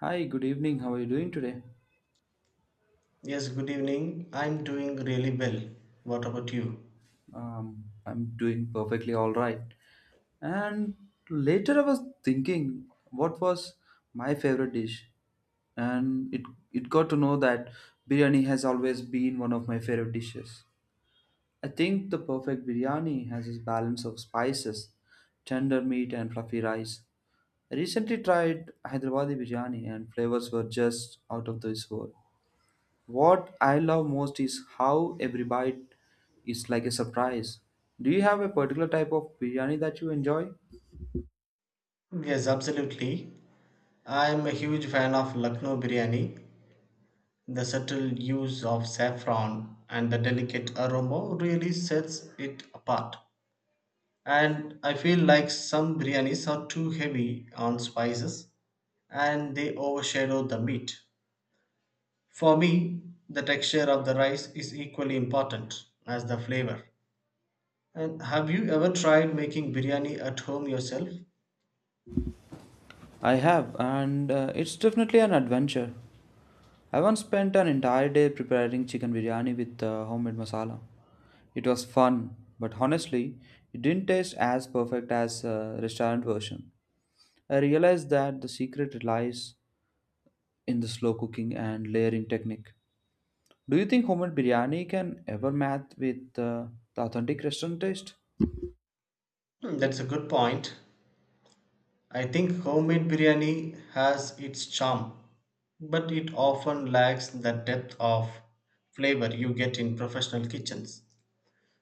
Hi, good evening. How are you doing today? Yes, good evening. I'm doing really well. What about you? I'm doing perfectly all right. And later I was thinking what was my favorite dish, and it got to know that biryani has always been one of my favorite dishes. I think the perfect biryani has its balance of spices, tender meat, and fluffy rice. I recently tried Hyderabadi biryani, and flavors were just out of this world. What I love most is how every bite is like a surprise. Do you have a particular type of biryani that you enjoy? Yes, absolutely. I'm a huge fan of Lucknow biryani. The subtle use of saffron and the delicate aroma really sets it apart. And I feel like some biryanis are too heavy on spices and they overshadow the meat. For me, the texture of the rice is equally important as the flavor. And have you ever tried making biryani at home yourself? I have, and it's definitely an adventure. I once spent an entire day preparing chicken biryani with homemade masala. It was fun, but honestly, it didn't taste as perfect as restaurant version. I realized that the secret lies in the slow cooking and layering technique. Do you think homemade biryani can ever match with the authentic restaurant taste? Hmm, that's a good point. I think homemade biryani has its charm, but it often lacks the depth of flavor you get in professional kitchens.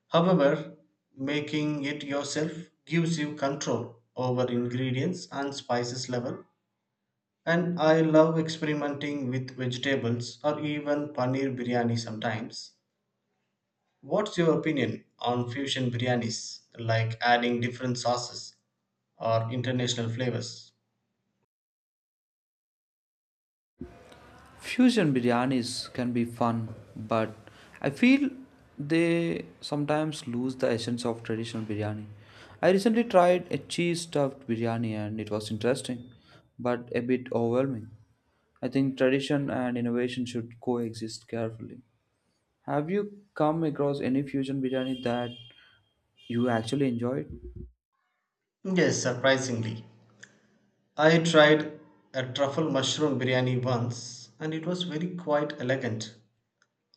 However, making it yourself gives you control over ingredients and spices level. And I love experimenting with vegetables or even paneer biryani sometimes. What's your opinion on fusion biryanis, like adding different sauces or international flavors? Fusion biryanis can be fun, but I feel they sometimes lose the essence of traditional biryani. I recently tried a cheese stuffed biryani and it was interesting, but a bit overwhelming. I think tradition and innovation should coexist carefully. Have you come across any fusion biryani that you actually enjoyed? Yes, surprisingly. I tried a truffle mushroom biryani once and it was very quite elegant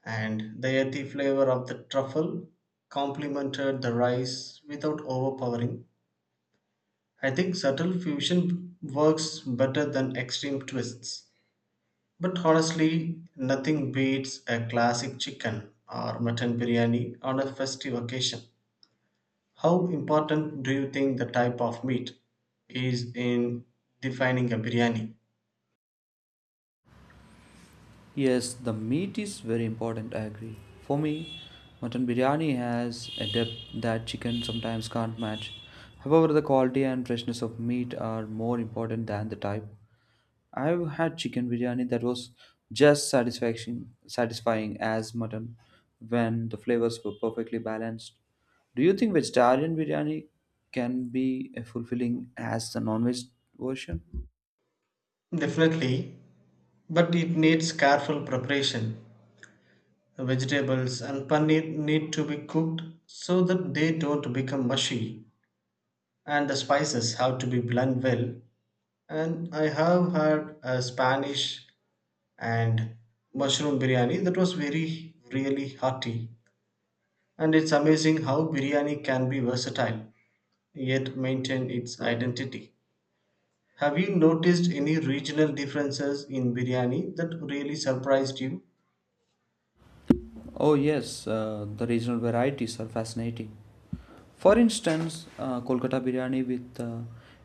and the earthy flavor of the truffle complemented the rice without overpowering. I think subtle fusion works better than extreme twists. But honestly, nothing beats a classic chicken or mutton biryani on a festive occasion. How important do you think the type of meat is in defining a biryani? Yes, the meat is very important, I agree. For me, mutton biryani has a depth that chicken sometimes can't match. However, the quality and freshness of meat are more important than the type. I've had chicken biryani that was just satisfaction, satisfying as mutton when the flavors were perfectly balanced. Do you think vegetarian biryani can be fulfilling as the non-veg version? Definitely, but it needs careful preparation. Vegetables and paneer need to be cooked so that they don't become mushy, and the spices have to be blended well. And I have had a Spanish and mushroom biryani that was really hearty. And it's amazing how biryani can be versatile yet maintain its identity. Have you noticed any regional differences in biryani that really surprised you? Oh yes, the regional varieties are fascinating. For instance, Kolkata biryani with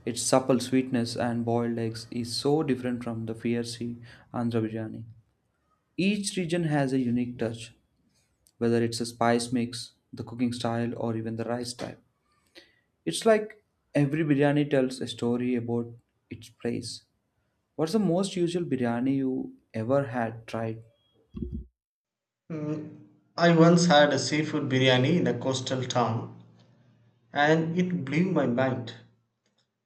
its supple sweetness and boiled eggs is so different from the fiery Andhra biryani. Each region has a unique touch, whether it's a spice mix, the cooking style, or even the rice type. It's like every biryani tells a story about its place. What's the most usual biryani you ever had tried? I once had a seafood biryani in a coastal town and it blew my mind.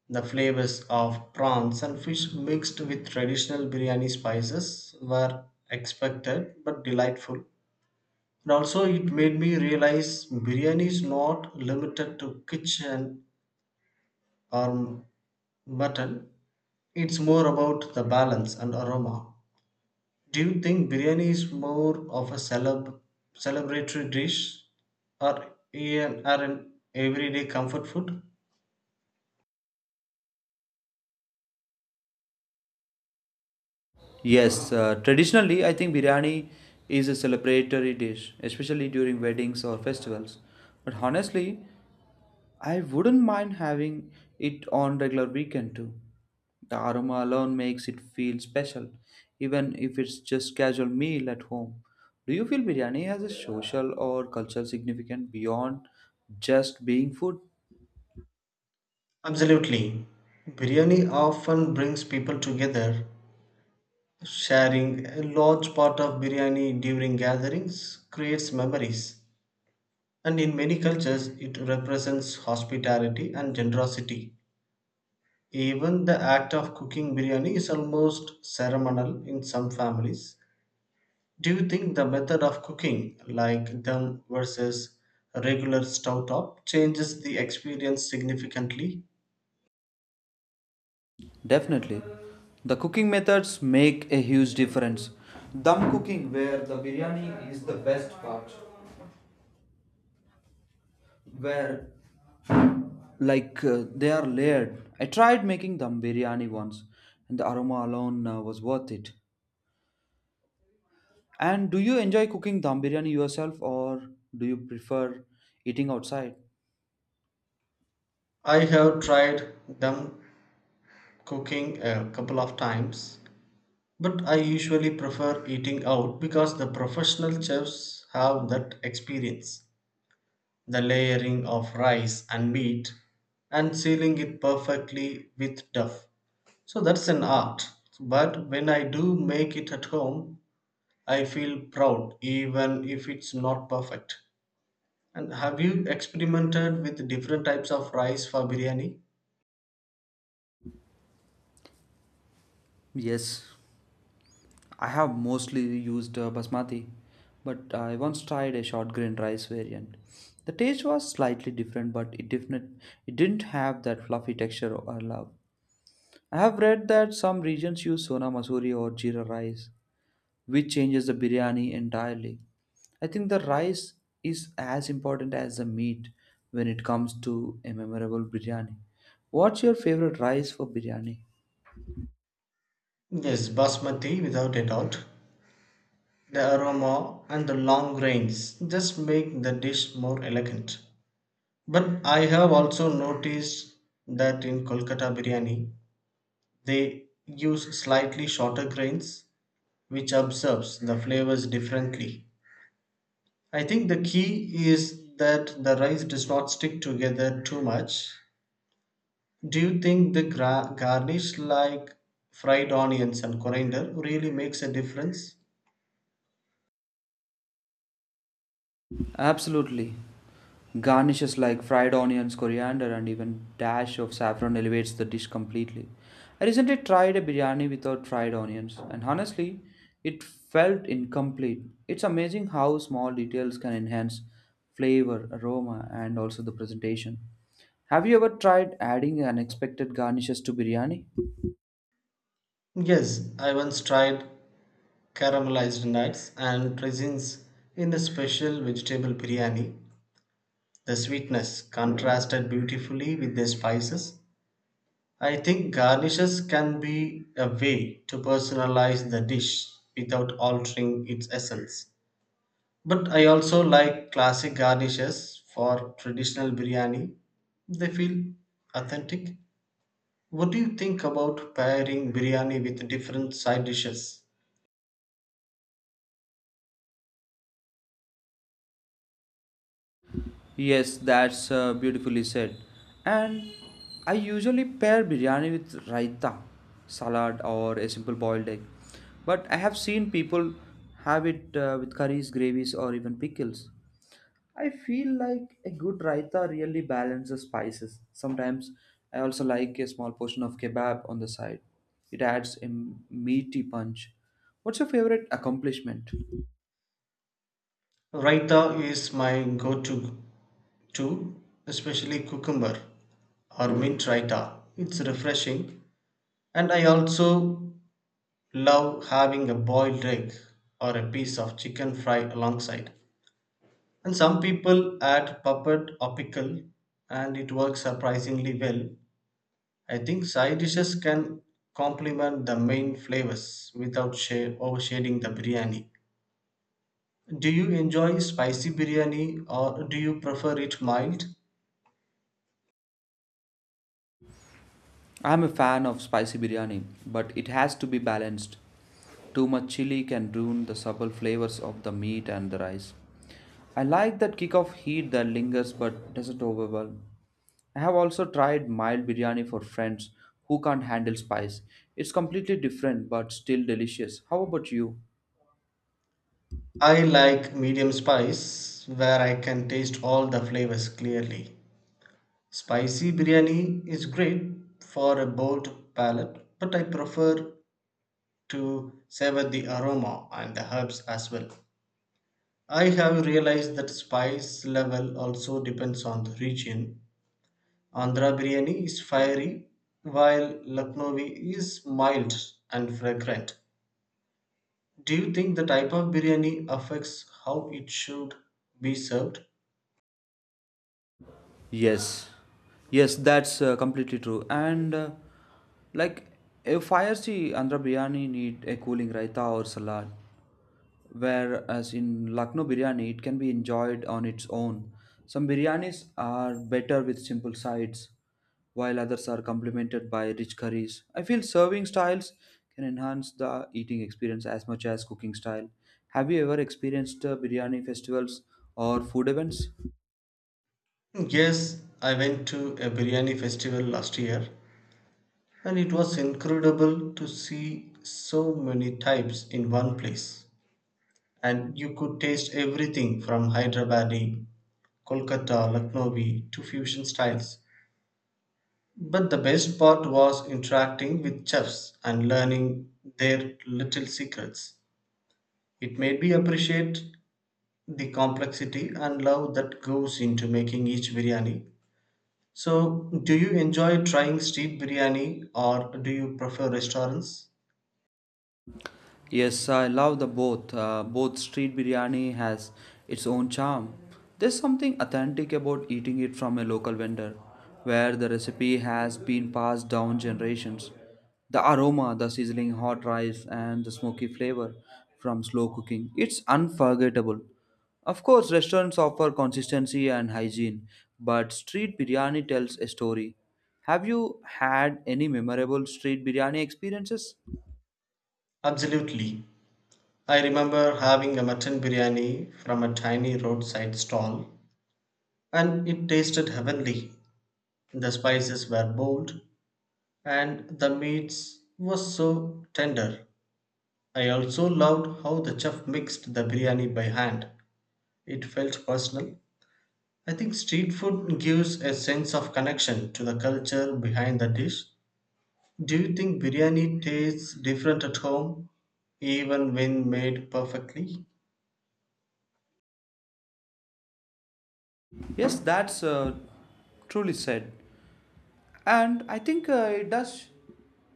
The flavors of prawns and fish mixed with traditional biryani spices were expected but delightful. And also, it made me realize biryani is not limited to kitchen or mutton, it's more about the balance and aroma. Do you think biryani is more of a celebratory dish or an everyday comfort food? Yes, traditionally, I think biryani is a celebratory dish, especially during weddings or festivals. But honestly, I wouldn't mind having it on regular weekend too. The aroma alone makes it feel special, even if it's just casual meal at home. Do you feel biryani has a social or cultural significance beyond just being food? Absolutely. Biryani often brings people together. Sharing a large pot of biryani during gatherings creates memories. And in many cultures, it represents hospitality and generosity. Even the act of cooking biryani is almost ceremonial in some families. Do you think the method of cooking, like them versus a regular stove top, changes the experience significantly? Definitely. The cooking methods make a huge difference. Dum cooking, where the biryani is the best part, where like they are layered. I tried making dum biryani once, and the aroma alone was worth it. And do you enjoy cooking dum biryani yourself, or do you prefer eating outside? I have tried them cooking a couple of times, but I usually prefer eating out because the professional chefs have that experience. The layering of rice and meat and sealing it perfectly with duff. So that's an art. But when I do make it at home, I feel proud even if it's not perfect. And have you experimented with different types of rice for biryani? Yes, I have mostly used basmati, but I once tried a short grain rice variant. The taste was slightly different, but it didn't have that fluffy texture I love. I have read that some regions use sona masuri or jeera rice, which changes the biryani entirely. I think the rice is as important as the meat when it comes to a memorable biryani. What's your favorite rice for biryani? Yes, basmati without a doubt. The aroma and the long grains just make the dish more elegant. But I have also noticed that in Kolkata biryani, they use slightly shorter grains, which absorbs the flavors differently. I think the key is that the rice does not stick together too much. Do you think the garnish like fried onions and coriander really makes a difference? Absolutely. Garnishes like fried onions, coriander, and even dash of saffron elevates the dish completely. I recently tried a biryani without fried onions, and honestly, it felt incomplete. It's amazing how small details can enhance flavor, aroma, and also the presentation. Have you ever tried adding unexpected garnishes to biryani? Yes, I once tried caramelized nuts and raisins in a special vegetable biryani. The sweetness contrasted beautifully with the spices. I think garnishes can be a way to personalize the dish without altering its essence. But I also like classic garnishes for traditional biryani. They feel authentic. What do you think about pairing biryani with different side dishes? Yes, that's beautifully said. And I usually pair biryani with raita, salad, or a simple boiled egg. But I have seen people have it with curries, gravies, or even pickles. I feel like a good raita really balances spices. Sometimes I also like a small portion of kebab on the side. It adds a meaty punch. What's your favorite accomplishment? Raita is my go-to too, especially cucumber or mint raita. It's refreshing. And I also love having a boiled egg or a piece of chicken fried alongside. And some people add puppet or pickle and it works surprisingly well. I think side dishes can complement the main flavors without overshading the biryani. Do you enjoy spicy biryani or do you prefer it mild? I'm a fan of spicy biryani, but it has to be balanced. Too much chili can ruin the subtle flavors of the meat and the rice. I like that kick of heat that lingers but doesn't overwhelm. I have also tried mild biryani for friends who can't handle spice. It's completely different but still delicious. How about you? I like medium spice where I can taste all the flavors clearly. Spicy biryani is great for a bold palate, but I prefer to savor the aroma and the herbs as well. I have realized that spice level also depends on the region. Andhra biryani is fiery, while Lucknowi is mild and fragrant. Do you think the type of biryani affects how it should be served? Yes, yes, that's completely true. And like if I see Andhra biryani, need a cooling raita or salad. Whereas in Lucknow biryani, it can be enjoyed on its own. Some biryanis are better with simple sides, while others are complemented by rich curries. I feel serving styles can enhance the eating experience as much as cooking style. Have you ever experienced biryani festivals or food events? Yes, I went to a biryani festival last year and it was incredible to see so many types in one place. And you could taste everything from Hyderabadi, Kolkata, Lucknowi to fusion styles. But the best part was interacting with chefs and learning their little secrets. It made me appreciate the complexity and love that goes into making each biryani. So, do you enjoy trying street biryani or do you prefer restaurants? Yes, I love the both. Both street biryani has its own charm. There's something authentic about eating it from a local vendor, where the recipe has been passed down generations. The aroma, the sizzling hot rice, and the smoky flavor from slow cooking, it's unforgettable. Of course, restaurants offer consistency and hygiene, but street biryani tells a story. Have you had any memorable street biryani experiences? Absolutely. I remember having a mutton biryani from a tiny roadside stall, and it tasted heavenly. The spices were bold, and the meats was so tender. I also loved how the chef mixed the biryani by hand. It felt personal. I think street food gives a sense of connection to the culture behind the dish. Do you think biryani tastes different at home, even when made perfectly? Yes, that's truly said. And I think it does,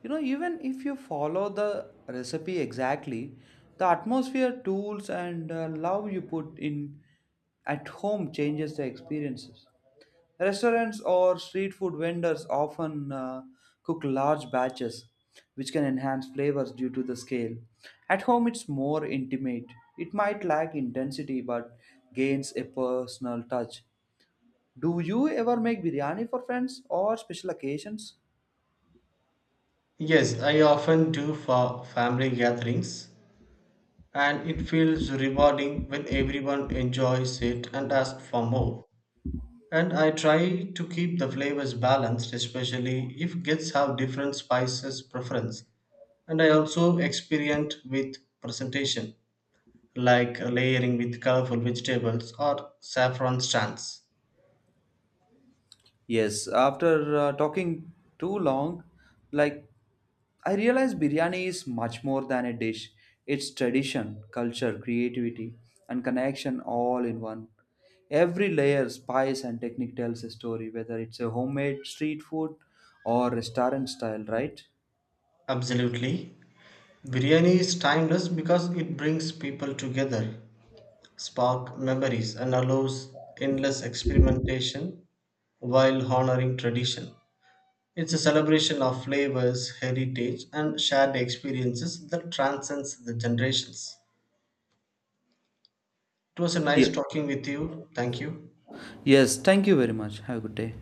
even if you follow the recipe exactly, the atmosphere, tools, and love you put in at home changes the experiences. Restaurants or street food vendors often cook large batches, which can enhance flavors due to the scale. At home, it's more intimate. It might lack intensity but gains a personal touch. Do you ever make biryani for friends or special occasions? Yes, I often do for family gatherings, and it feels rewarding when everyone enjoys it and asks for more. And I try to keep the flavors balanced, especially if guests have different spices preference. And I also experiment with presentation, like layering with colorful vegetables or saffron strands. Yes, after talking too long, like I realize biryani is much more than a dish. It's tradition, culture, creativity, and connection all in one. Every layer, spice, and technique tells a story, whether it's a homemade street food or restaurant style, right? Absolutely. Biryani is timeless because it brings people together, spark memories, and allows endless experimentation while honoring tradition. It's a celebration of flavors, heritage, and shared experiences that transcends the generations. It was a Yeah. nice talking with you. Thank you. Yes, thank you very much. Have a good day.